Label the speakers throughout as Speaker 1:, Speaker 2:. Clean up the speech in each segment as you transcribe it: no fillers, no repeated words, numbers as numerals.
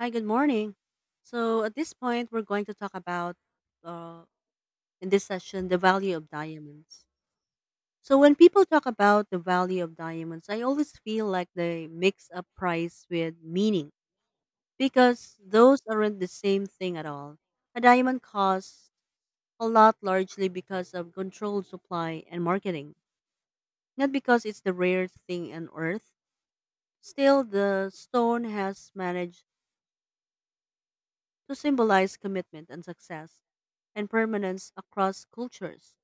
Speaker 1: Hi, good morning. So at this point, we're going to talk about, uh, in this session, the value of diamonds. So when people talk about the value of diamonds, I always feel like they mix up price with meaning because those aren't the same thing at all. A diamond costs a lot largely because of controlled supply and marketing, not because it's the rarest thing on earth. Still, the stone has managed to symbolize commitment and success and permanence across cultures,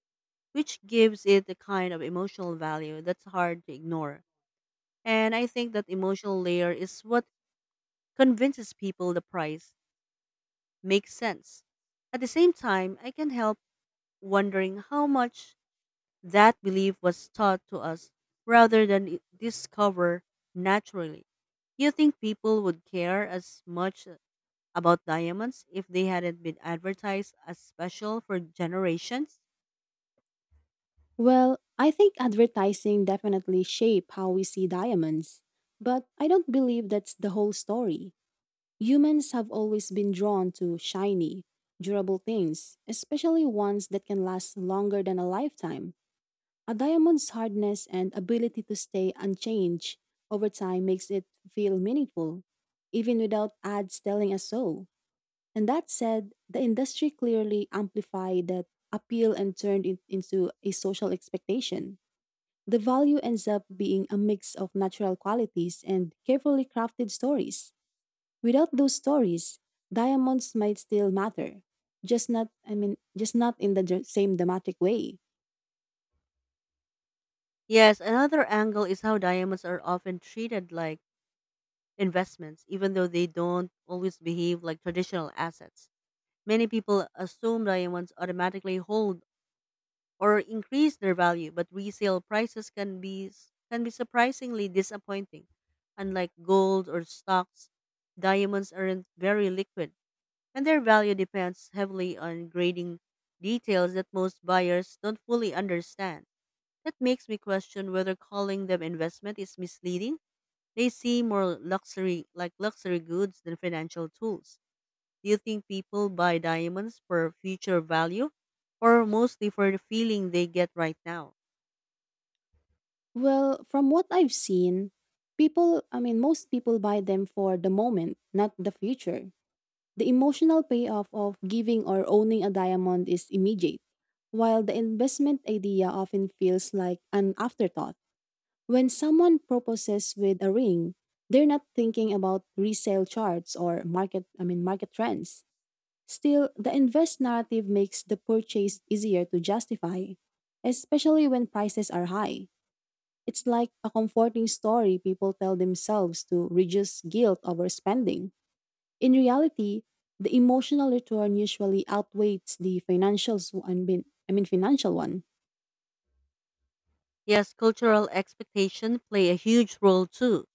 Speaker 1: which gives it a kind of emotional value that's hard to ignore. And I think that emotional layer is what convinces people the price makes sense. At the same time, I can't help wondering how much that belief was taught to us rather than discover naturally. You think people would care as much about diamonds if they hadn't been advertised as special for generations?
Speaker 2: Well, I think advertising definitely shape how we see diamonds, but I don't believe that's the whole story. Humans have always been drawn to shiny, durable things, especially ones that can last longer than a lifetime. A diamond's hardness and ability to stay unchanged over time makes it feel meaningful, even without ads telling us so. And that said, the industry clearly amplified that appeal and turned it into a social expectation. The value ends up being a mix of natural qualities and carefully crafted stories. Without those stories, diamonds might still matter. Just not, I mean, just not in the same dramatic way.
Speaker 1: Yes, another angle is how diamonds are often treated like investments, even though they don't always behave like traditional assets. Many people assume diamonds automatically hold or increase their value, but resale prices can be surprisingly disappointing. Unlike gold or stocks, diamonds aren't very liquid and their value depends heavily on grading details that most buyers don't fully understand. That makes me question whether calling them investment is misleading. They see more luxury like luxury goods than financial tools. Do you think people buy diamonds for future value or mostly for the feeling they get right now?
Speaker 2: Well, from what I've seen, people, I mean, most people buy them for the moment, not the future. The emotional payoff of giving or owning a diamond is immediate, while the investment idea often feels like an afterthought. When someone proposes with a ring, they're not thinking about resale charts or market, I mean, market trends. Still, the invest narrative makes the purchase easier to justify, especially when prices are high. It's like a comforting story people tell themselves to reduce guilt over spending. In reality, the emotional return usually outweighs the financial one, I mean financial one.
Speaker 1: Yes, cultural expectation play a huge role too,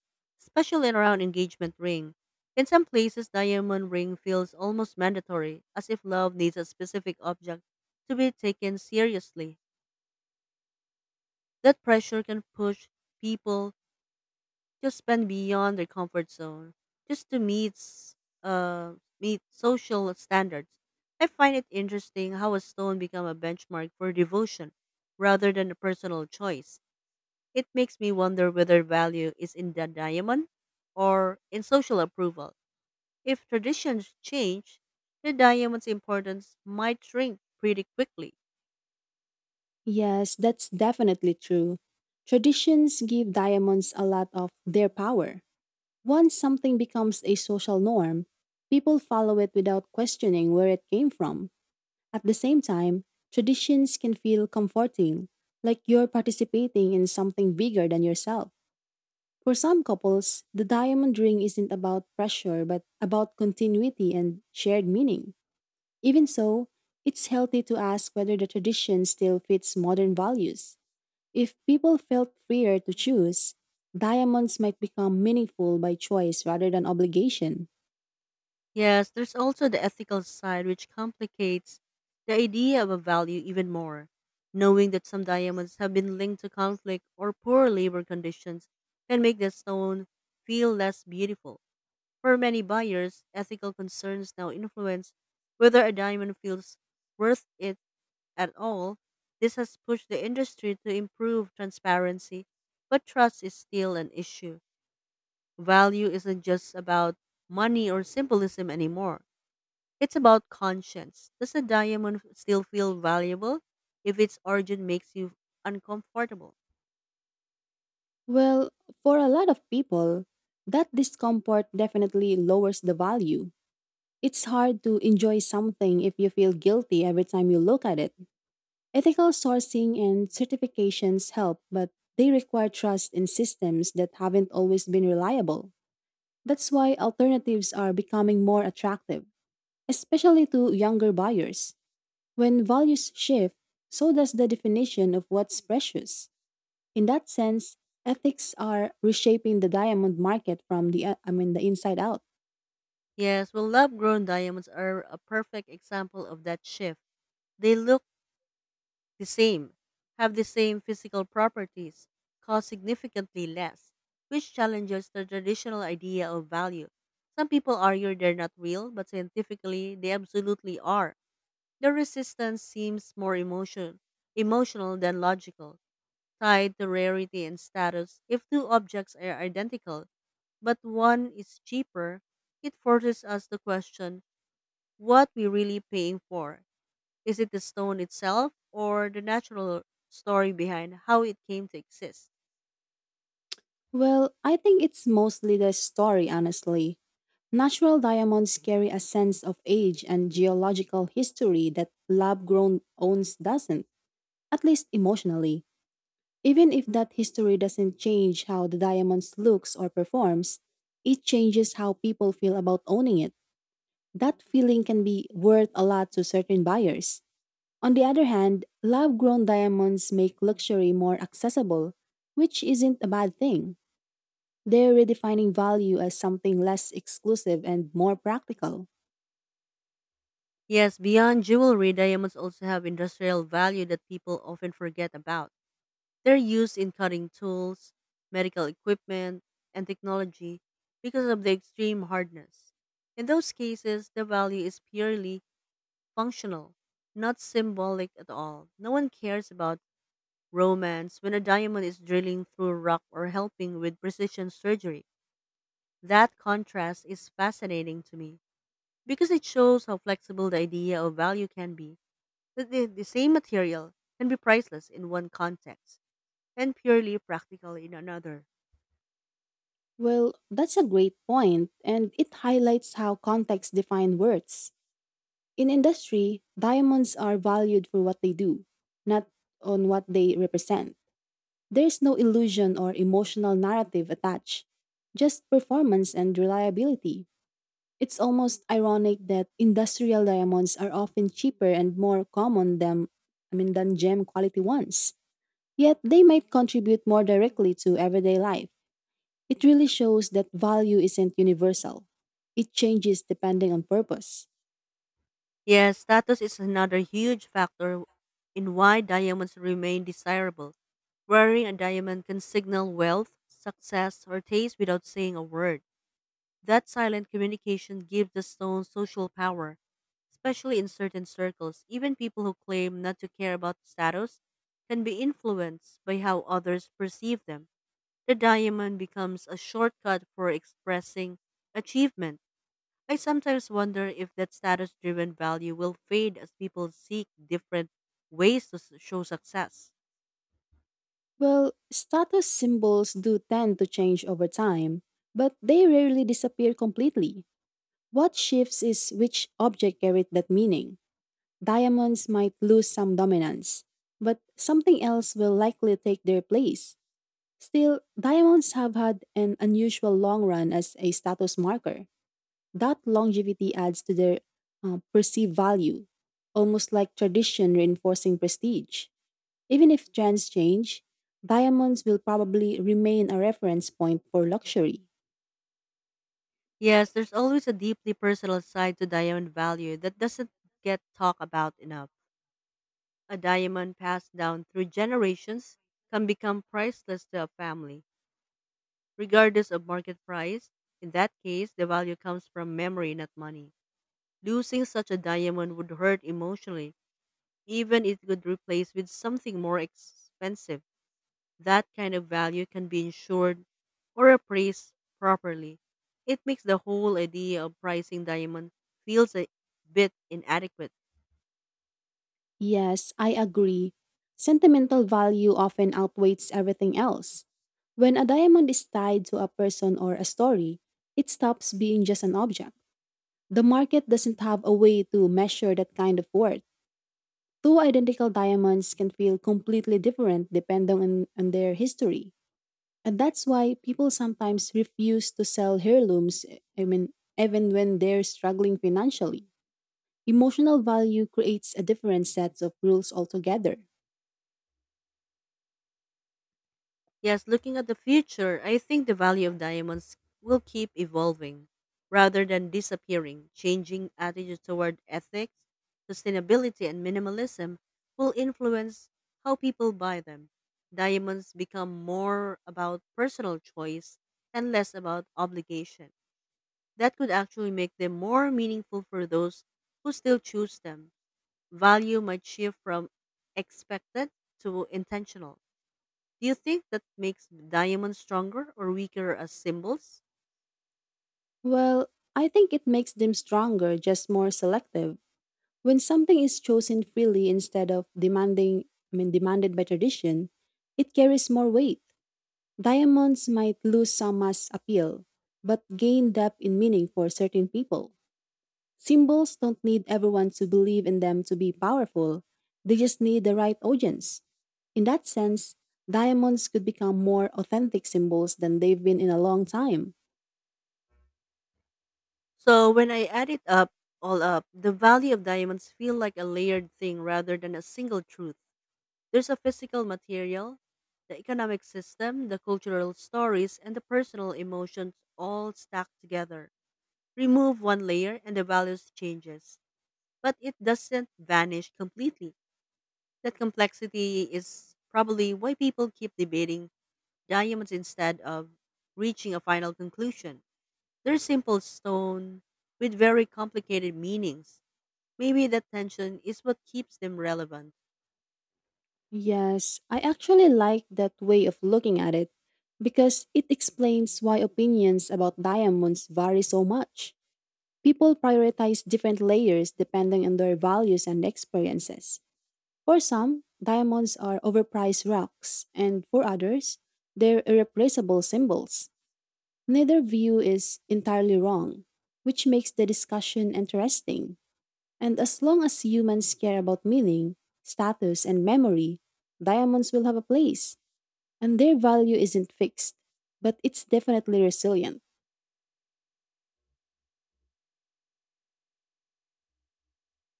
Speaker 1: especially around engagement ring. In some places, diamond ring feels almost mandatory, as if love needs a specific object to be taken seriously. That pressure can push people to spend beyond their comfort zone just to meet uh, meet social standards. I find it interesting how a stone become a benchmark for devotion rather than a personal choice. It makes me wonder whether value is in the diamond or in social approval. If traditions change, the diamond's importance might shrink pretty quickly.
Speaker 2: Yes, that's definitely true. Traditions give diamonds a lot of their power. Once something becomes a social norm, people follow it without questioning where it came from. At the same time, traditions can feel comforting, like you're participating in something bigger than yourself. For some couples, the diamond ring isn't about pressure but about continuity and shared meaning. Even so, it's healthy to ask whether the tradition still fits modern values. If people felt freer to choose, diamonds might become meaningful by choice rather than obligation.
Speaker 1: Yes, there's also the ethical side which complicates the idea of a value even more. Knowing that some diamonds have been linked to conflict or poor labor conditions can make the stone feel less beautiful. For many buyers, ethical concerns now influence whether a diamond feels worth it at all. This has pushed the industry to improve transparency, but trust is still an issue. Value isn't just about money or symbolism anymore. It's about conscience. Does a diamond still feel valuable if its origin makes you uncomfortable?
Speaker 2: Well, for a lot of people, that discomfort definitely lowers the value. It's hard to enjoy something if you feel guilty every time you look at it. Ethical sourcing and certifications help, but they require trust in systems that haven't always been reliable. That's why alternatives are becoming more attractive, especially to younger buyers. When values shift, so does the definition of what's precious. In that sense, ethics are reshaping the diamond market from the I mean the inside out.
Speaker 1: Yes, well, lab grown diamonds are a perfect example of that shift. They look the same, have the same physical properties, cost significantly less, which challenges the traditional idea of value. Some people argue they're not real, but scientifically they absolutely are. The resistance seems more emotional than logical, tied to rarity and status. If two objects are identical, but one is cheaper, it forces us to question what we're really paying for. Is it the stone itself or the natural story behind how it came to exist?
Speaker 2: Well, I think it's mostly the story, honestly. Natural diamonds carry a sense of age and geological history that lab grown owns doesn't, at least emotionally. Even if that history doesn't change how the diamonds looks or performs, it changes how people feel about owning it. That feeling can be worth a lot to certain buyers. On the other hand, lab grown diamonds make luxury more accessible, which isn't a bad thing. They're redefining value as something less exclusive and more practical.
Speaker 1: Yes, beyond jewelry, diamonds also have industrial value that people often forget about. They're used in cutting tools, medical equipment, and technology because of the extreme hardness. In those cases, the value is purely functional, not symbolic at all. No one cares about romance when a diamond is drilling through rock or helping with precision surgery. That contrast is fascinating to me because it shows how flexible the idea of value can be. That the same material can be priceless in one context and purely practical in another.
Speaker 2: Well, that's a great point, and it highlights how context defines words. In industry, diamonds are valued for what they do, not on what they represent. There's no illusion or emotional narrative attached, just performance and reliability. It's almost ironic that industrial diamonds are often cheaper and more common than I mean than gem quality ones. Yet they might contribute more directly to everyday life. It really shows that value isn't universal. It changes depending on purpose.
Speaker 1: Yes, status is another huge factor in why diamonds remain desirable. Wearing a diamond can signal wealth, success, or taste without saying a word. That silent communication gives the stone social power, especially in certain circles. Even people who claim not to care about status can be influenced by how others perceive them. The diamond becomes a shortcut for expressing achievement. I sometimes wonder if that status driven value will fade as people seek different ways to show success.
Speaker 2: Well, status symbols do tend to change over time, but they rarely disappear completely. What shifts is which object carried that meaning. Diamonds might lose some dominance, but something else will likely take their place. Still, diamonds have had an unusual long run as a status marker. That longevity adds to their perceived value, almost like tradition reinforcing prestige. Even if trends change, diamonds will probably remain a reference point for luxury.
Speaker 1: Yes, there's always a deeply personal side to diamond value that doesn't get talked about enough. A diamond passed down through generations can become priceless to a family, regardless of market price. In that case, the value comes from memory, not money. Losing such a diamond would hurt emotionally, even if it could replace with something more expensive. That kind of value can be insured or appraised properly. It makes the whole idea of pricing diamond feels a bit inadequate.
Speaker 2: Yes, I agree. Sentimental value often outweighs everything else. When a diamond is tied to a person or a story, it stops being just an object. The market doesn't have a way to measure that kind of worth. Two identical diamonds can feel completely different depending on their history. And that's why people sometimes refuse to sell heirlooms, I mean, even when they're struggling financially. Emotional value creates a different set of rules altogether.
Speaker 1: Yes, looking at the future, I think the value of diamonds will keep evolving rather than disappearing. Changing attitudes toward ethics, sustainability, and minimalism will influence how people buy them. Diamonds become more about personal choice and less about obligation. That could actually make them more meaningful for those who still choose them. Value might shift from expected to intentional. Do you think that makes diamonds stronger or weaker as symbols?
Speaker 2: Well, I think it makes them stronger, just more selective. When something is chosen freely instead of demanding, I mean, demanded by tradition, it carries more weight. Diamonds might lose some mass appeal, but gain depth in meaning for certain people. Symbols don't need everyone to believe in them to be powerful, they just need the right audience. In that sense, diamonds could become more authentic symbols than they've been in a long time.
Speaker 1: So when I all up, the value of diamonds feel like a layered thing rather than a single truth. There's a physical material, the economic system, the cultural stories, and the personal emotions all stacked together. Remove one layer and the values changes, but it doesn't vanish completely. That complexity is probably why people keep debating diamonds instead of reaching a final conclusion. They're simple stone with very complicated meanings. Maybe that tension is what keeps them relevant.
Speaker 2: Yes, I actually like that way of looking at it because it explains why opinions about diamonds vary so much. People prioritize different layers depending on their values and experiences. For some, diamonds are overpriced rocks, and for others, they're irreplaceable symbols. Neither view is entirely wrong, which makes the discussion interesting. And as long as humans care about meaning, status, and memory, diamonds will have a place, and their value isn't fixed, but it's definitely resilient.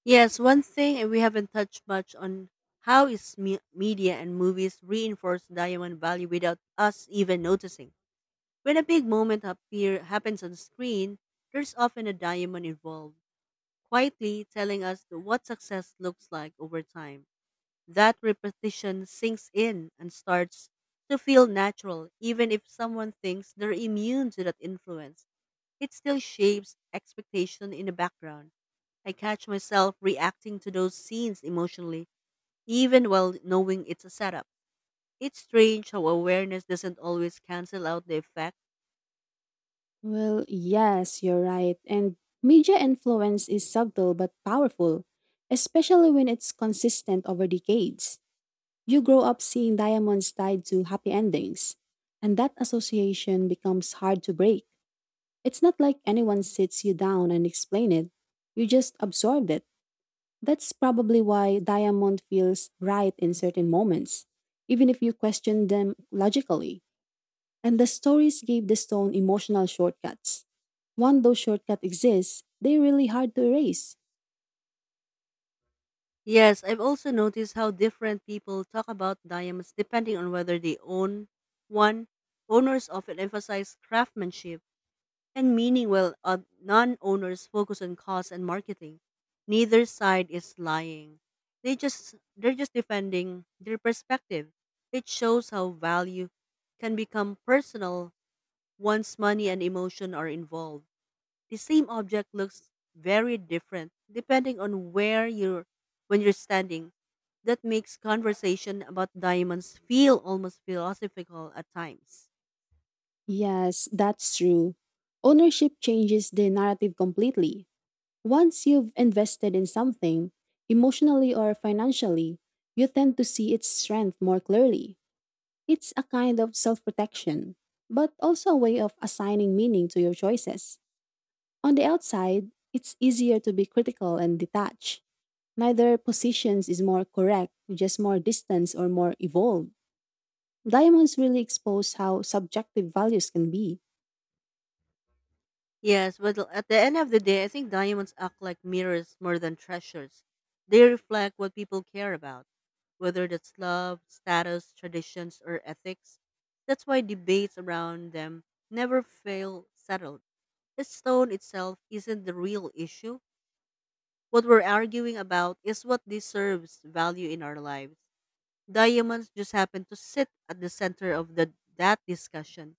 Speaker 1: Yes, one thing and we haven't touched much on how media and movies reinforce diamond value without us even noticing. When a big moment appear happens on screen, there's often a diamond involved, quietly telling us what success looks like over time. That repetition sinks in and starts to feel natural, even if someone thinks they're immune to that influence. It still shapes expectation in the background. I catch myself reacting to those scenes emotionally, even while knowing it's a setup. It's strange how awareness doesn't always cancel out the effect.
Speaker 2: Well, yes, you're right. And media influence is subtle but powerful, especially when it's consistent over decades. You grow up seeing diamonds tied to happy endings, and that association becomes hard to break. It's not like anyone sits you down and explain it. You just absorb it. That's probably why diamond feels right in certain moments, even if you question them logically. And the stories gave the stone emotional shortcuts. Once those shortcuts exist, they're really hard to erase.
Speaker 1: Yes, I've also noticed how different people talk about diamonds depending on whether they own one. Owners often emphasize craftsmanship and meaning while non-owners focus on cost and marketing. Neither side is lying. They're just defending their perspective. It shows how value can become personal once money and emotion are involved. The same object looks very different depending on where you're when you're standing. That makes conversation about diamonds feel almost philosophical at times.
Speaker 2: Yes, that's true. Ownership changes the narrative completely. Once you've invested in something, emotionally or financially, you tend to see its strength more clearly. It's a kind of self protection, but also a way of assigning meaning to your choices. On the outside, it's easier to be critical and detached. Neither positions is more correct, just more distance or more evolved. Diamonds really expose how subjective values can be.
Speaker 1: Yes, but at the end of the day, I think diamonds act like mirrors more than treasures. They reflect what people care about, whether that's love, status, traditions, or ethics. That's why debates around them never fail settled. The stone itself isn't the real issue. What we're arguing about is what deserves value in our lives. Diamonds just happen to sit at the center of that discussion.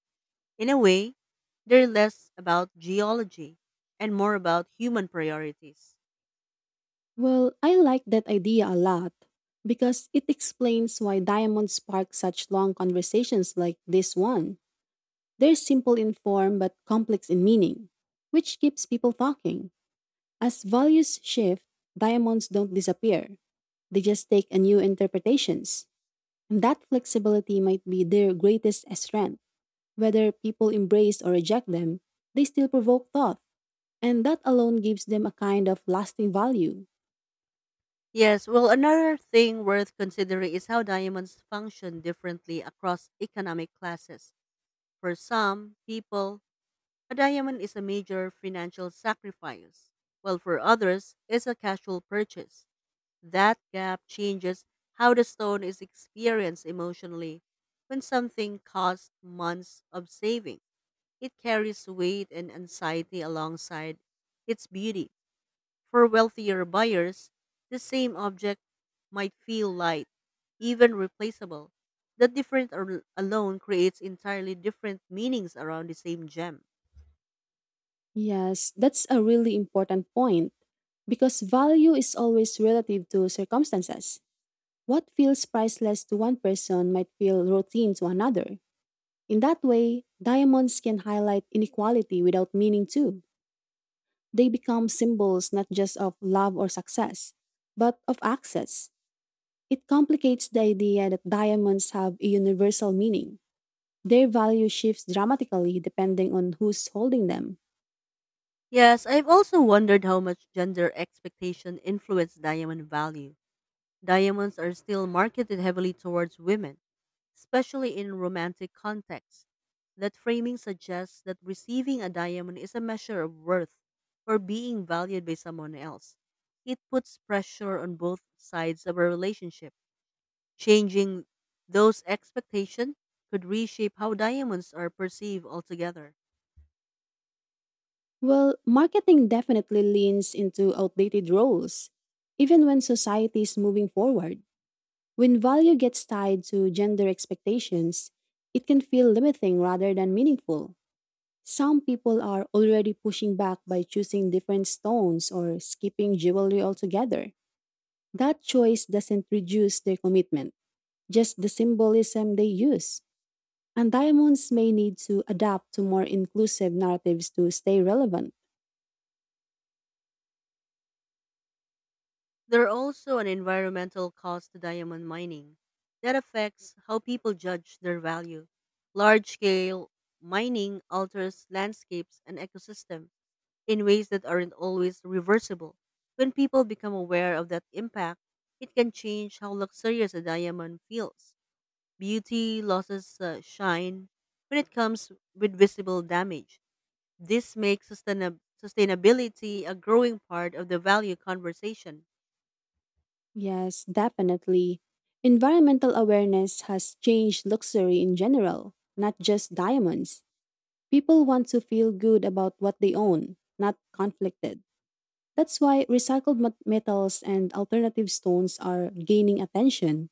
Speaker 1: In a way, they're less about geology and more about human priorities.
Speaker 2: Well, I like that idea a lot because it explains why diamonds spark such long conversations like this one. They're simple in form but complex in meaning, which keeps people talking. As values shift, diamonds don't disappear. They just take a new interpretations. And that flexibility might be their greatest strength. Whether people embrace or reject them, they still provoke thought. And that alone gives them a kind of lasting value.
Speaker 1: Yes, well, another thing worth considering is how diamonds function differently across economic classes. For some people, a diamond is a major financial sacrifice, while for others, it's a casual purchase. That gap changes how the stone is experienced emotionally when something costs months of saving. It carries weight and anxiety alongside its beauty. For wealthier buyers, the same object might feel light, even replaceable. The difference alone creates entirely different meanings around the same gem.
Speaker 2: Yes, that's a really important point because value is always relative to circumstances. What feels priceless to one person might feel routine to another. In that way, diamonds can highlight inequality without meaning to. They become symbols not just of love or success, but of access. It complicates the idea that diamonds have a universal meaning. Their value shifts dramatically depending on who's holding them.
Speaker 1: Yes, I've also wondered how much gender expectation influenced diamond value. Diamonds are still marketed heavily towards women, especially in romantic contexts. That framing suggests that receiving a diamond is a measure of worth or being valued by someone else. It puts pressure on both sides of a relationship. Changing those expectations could reshape how diamonds are perceived altogether.
Speaker 2: Well, marketing definitely leans into outdated roles. Even when society is moving forward, when value gets tied to gender expectations, it can feel limiting rather than meaningful. Some people are already pushing back by choosing different stones or skipping jewelry altogether. That choice doesn't reduce their commitment, just the symbolism they use. And diamonds may need to adapt to more inclusive narratives to stay relevant.
Speaker 1: There are also an environmental cost to diamond mining that affects how people judge their value. Large scale mining alters landscapes and ecosystem in ways that aren't always reversible. When people become aware of that impact, it can change how luxurious a diamond feels. Beauty losses shine when it comes with visible damage. This makes sustainability a growing part of the value conversation.
Speaker 2: Yes, definitely. Environmental awareness has changed luxury in general, not just diamonds. People want to feel good about what they own, not conflicted. That's why recycled metals and alternative stones are gaining attention.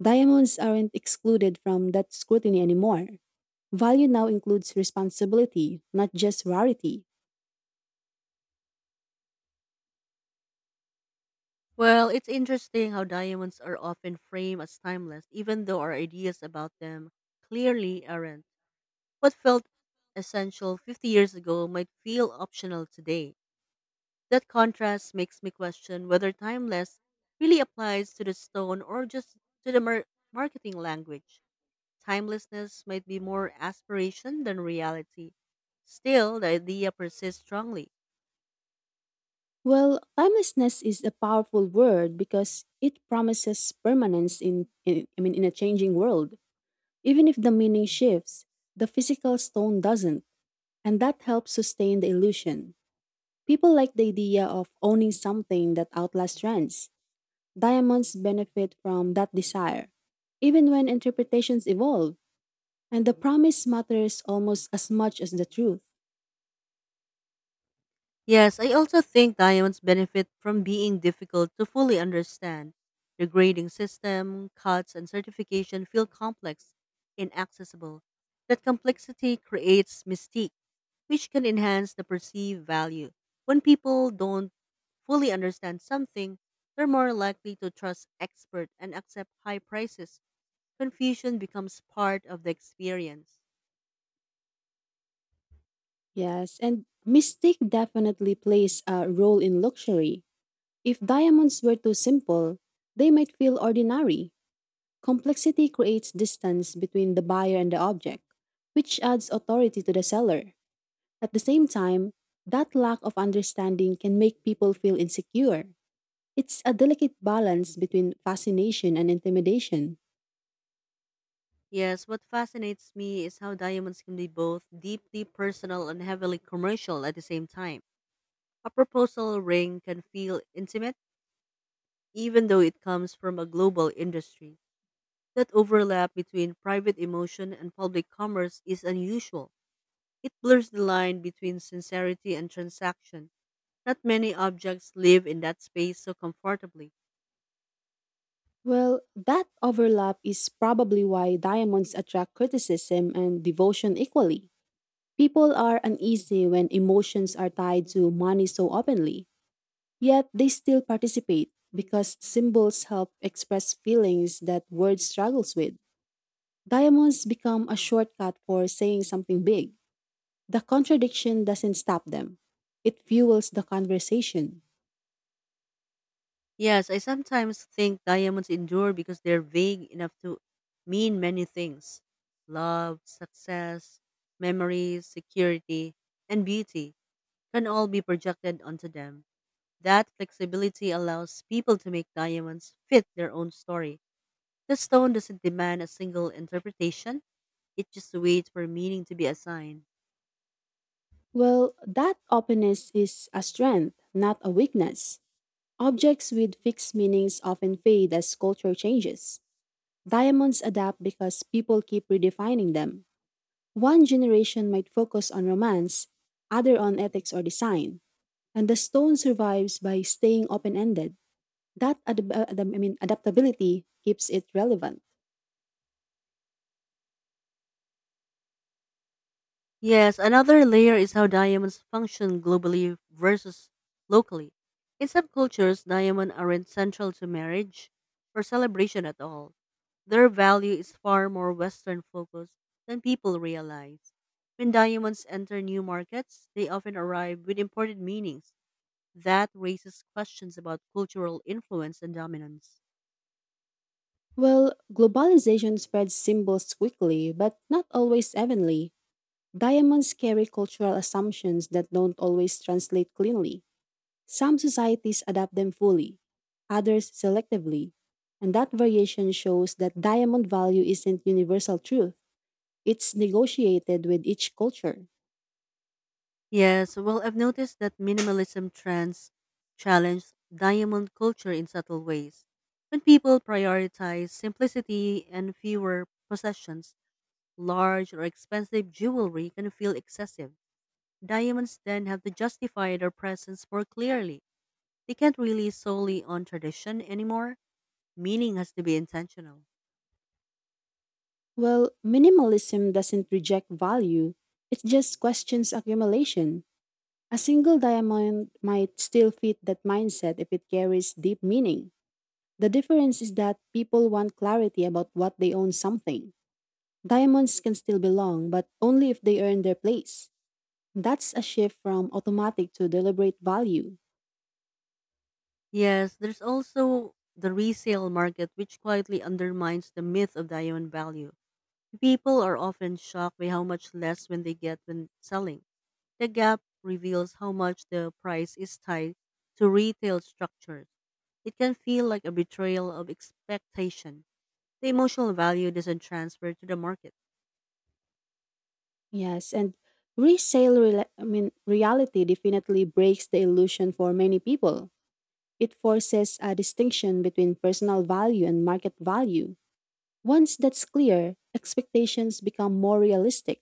Speaker 2: Diamonds aren't excluded from that scrutiny anymore. Value now includes responsibility, not just rarity.
Speaker 1: Well, it's interesting how diamonds are often framed as timeless, even though our ideas about them clearly aren't. What felt essential 50 years ago might feel optional today. That contrast makes me question whether timeless really applies to the stone or just to the marketing language. Timelessness might be more aspiration than reality. Still, the idea persists strongly.
Speaker 2: Well, timelessness is a powerful word because it promises permanence in I mean in a changing world. Even if the meaning shifts, the physical stone doesn't, and that helps sustain the illusion. People like the idea of owning something that outlasts trends. Diamonds benefit from that desire, even when interpretations evolve, and the promise matters almost as much as the truth.
Speaker 1: Yes, I also think diamonds benefit from being difficult to fully understand. The grading system, cuts, and certification feel complex, inaccessible. That complexity creates mystique, which can enhance the perceived value. When people don't fully understand something, they're more likely to trust expert and accept high prices. Confusion becomes part of the experience.
Speaker 2: Yes, and mystique definitely plays a role in luxury. If diamonds were too simple, they might feel ordinary. Complexity creates distance between the buyer and the object, which adds authority to the seller. At the same time, that lack of understanding can make people feel insecure. It's a delicate balance between fascination and intimidation.
Speaker 1: Yes, what fascinates me is how diamonds can be both deeply personal and heavily commercial at the same time. A proposal ring can feel intimate, even though it comes from a global industry. That overlap between private emotion and public commerce is unusual. It blurs the line between sincerity and transaction. Not many objects live in that space so comfortably.
Speaker 2: Well, that overlap is probably why diamonds attract criticism and devotion equally. People are uneasy when emotions are tied to money so openly. Yet they still participate because symbols help express feelings that words struggles with. Diamonds become a shortcut for saying something big. The contradiction doesn't stop them. It fuels the conversation.
Speaker 1: Yes, I sometimes think diamonds endure because they're vague enough to mean many things: love, success, memories, security, and beauty can all be projected onto them. That flexibility allows people to make diamonds fit their own story. The stone doesn't demand a single interpretation, it just waits for meaning to be assigned.
Speaker 2: Well, that openness is a strength, not a weakness. Objects with fixed meanings often fade as culture changes. Diamonds adapt because people keep redefining them. One generation might focus on romance, other on ethics or design. And the stone survives by staying open-ended. That I mean adaptability keeps it relevant.
Speaker 1: Yes, another layer is how diamonds function globally versus locally. In some cultures, diamonds aren't central to marriage or celebration at all. Their value is far more Western focused than people realize. When diamonds enter new markets, they often arrive with imported meanings that raises questions about cultural influence and dominance.
Speaker 2: Well, globalization spreads symbols quickly, but not always evenly. Diamonds carry cultural assumptions that don't always translate cleanly. Some societies adapt them fully, others selectively. And that variation shows that diamond value isn't universal truth. It's negotiated with each culture.
Speaker 1: Yes, well, I've noticed that minimalism trends challenge diamond culture in subtle ways. When people prioritize simplicity and fewer possessions, large or expensive jewelry can feel excessive. Diamonds then have to justify their presence more clearly. They can't rely solely on tradition anymore. Meaning has to be intentional.
Speaker 2: Well, minimalism doesn't reject value, it just questions accumulation. A single diamond might still fit that mindset if it carries deep meaning. The difference is that people want clarity about what they own something. Diamonds can still belong, but only if they earn their place. That's a shift from automatic to deliberate value.
Speaker 1: Yes, there's also the resale market, which quietly undermines the myth of diamond value. People are often shocked by how much less when they get when selling. The gap reveals how much the price is tied to retail structures. It can feel like a betrayal of expectation. The emotional value doesn't transfer to the market.
Speaker 2: Yes, and resale I mean reality definitely breaks the illusion for many people. It forces a distinction between personal value and market value. Once that's clear, expectations become more realistic.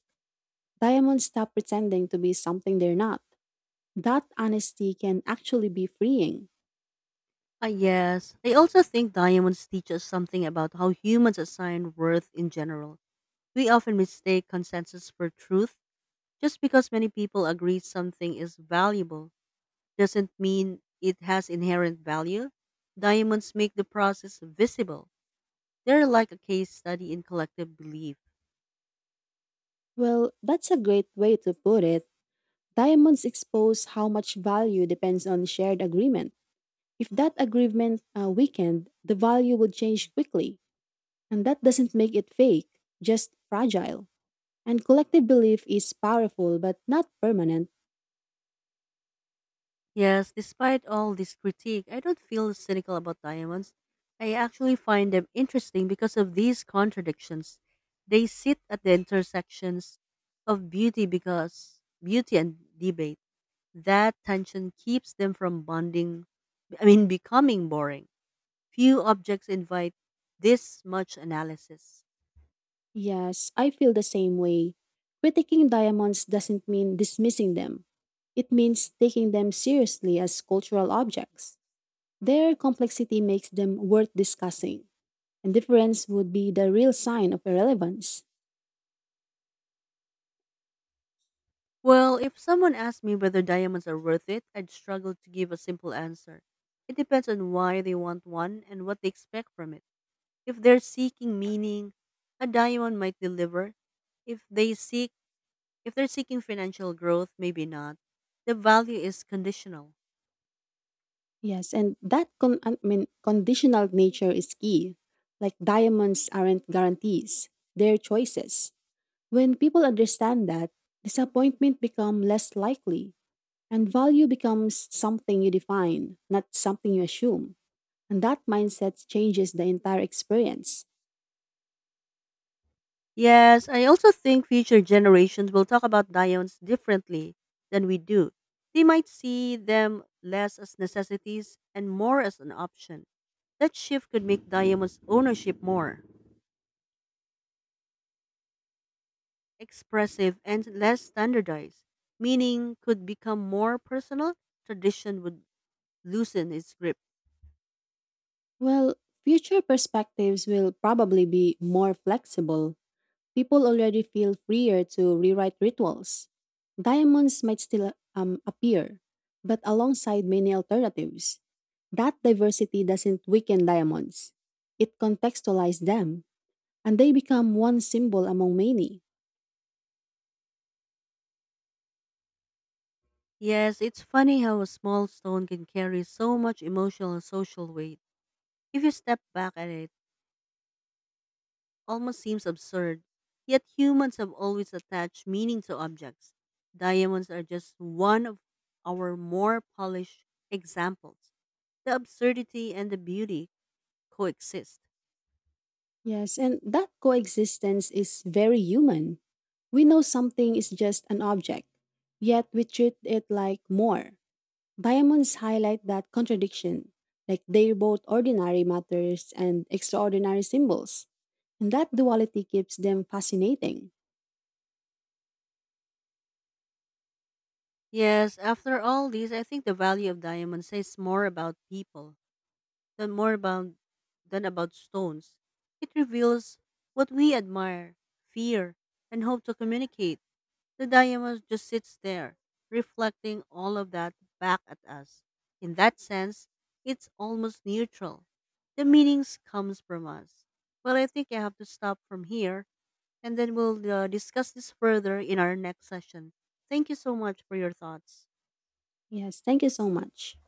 Speaker 2: Diamonds stop pretending to be something they're not. That honesty can actually be freeing.
Speaker 1: Ah, yes. I also think diamonds teach us something about how humans assign worth in general. We often mistake consensus for truth just because many people agree something is valuable. Doesn't mean it has inherent value. Diamonds make the process visible. They're like a case study in collective belief.
Speaker 2: Well, that's a great way to put it. Diamonds expose how much value depends on shared agreement. If that agreement weakened, the value would change quickly. And that doesn't make it fake, just fragile. And collective belief is powerful but not permanent.
Speaker 1: Yes, despite all this critique, I don't feel cynical about diamonds. I actually find them interesting because of these contradictions. They sit at the intersections of beauty because beauty and debate. That tension keeps them from bonding, I mean, becoming boring. Few objects invite this much analysis.
Speaker 2: Yes, I feel the same way. Critiquing diamonds doesn't mean dismissing them. It means taking them seriously as cultural objects. Their complexity makes them worth discussing, and difference would be the real sign of irrelevance.
Speaker 1: Well, if someone asked me whether diamonds are worth it, I'd struggle to give a simple answer. It depends on why they want one and what they expect from it. If they're seeking meaning, a diamond might deliver. If they seek if they're seeking financial growth, maybe not. The value is conditional.
Speaker 2: Yes, and that I mean, conditional nature is key. Like diamonds aren't guarantees, they're choices. When people understand that, disappointment become less likely. And value becomes something you define, not something you assume. And that mindset changes the entire experience.
Speaker 1: Yes, I also think future generations will talk about diamonds differently than we do. They might see them less as necessities and more as an option. That shift could make diamonds ownership more expressive and less standardized, meaning could become more personal. Tradition would loosen its grip.
Speaker 2: Well, future perspectives will probably be more flexible. People already feel freer to rewrite rituals. Diamonds might still appear, but alongside many alternatives. That diversity doesn't weaken diamonds, it contextualizes them, and they become one symbol among many.
Speaker 1: Yes, it's funny how a small stone can carry so much emotional and social weight if you step back at it. Almost seems absurd. Yet humans have always attached meaning to objects. Diamonds are just one of our more polished examples. The absurdity and the beauty coexist.
Speaker 2: Yes, and that coexistence is very human. We know something is just an object, yet we treat it like more. Diamonds highlight that contradiction, like they're both ordinary matters and extraordinary symbols. And that duality keeps them fascinating.
Speaker 1: Yes, after all these, I think the value of diamonds says more about people than more about than about stones. It reveals what we admire, fear, and hope to communicate. The diamond just sits there, reflecting all of that back at us. In that sense, it's almost neutral. The meanings comes from us. Well, I think I have to stop from here, and then we'll discuss this further in our next session. Thank you so much for your thoughts.
Speaker 2: Yes, thank you so much.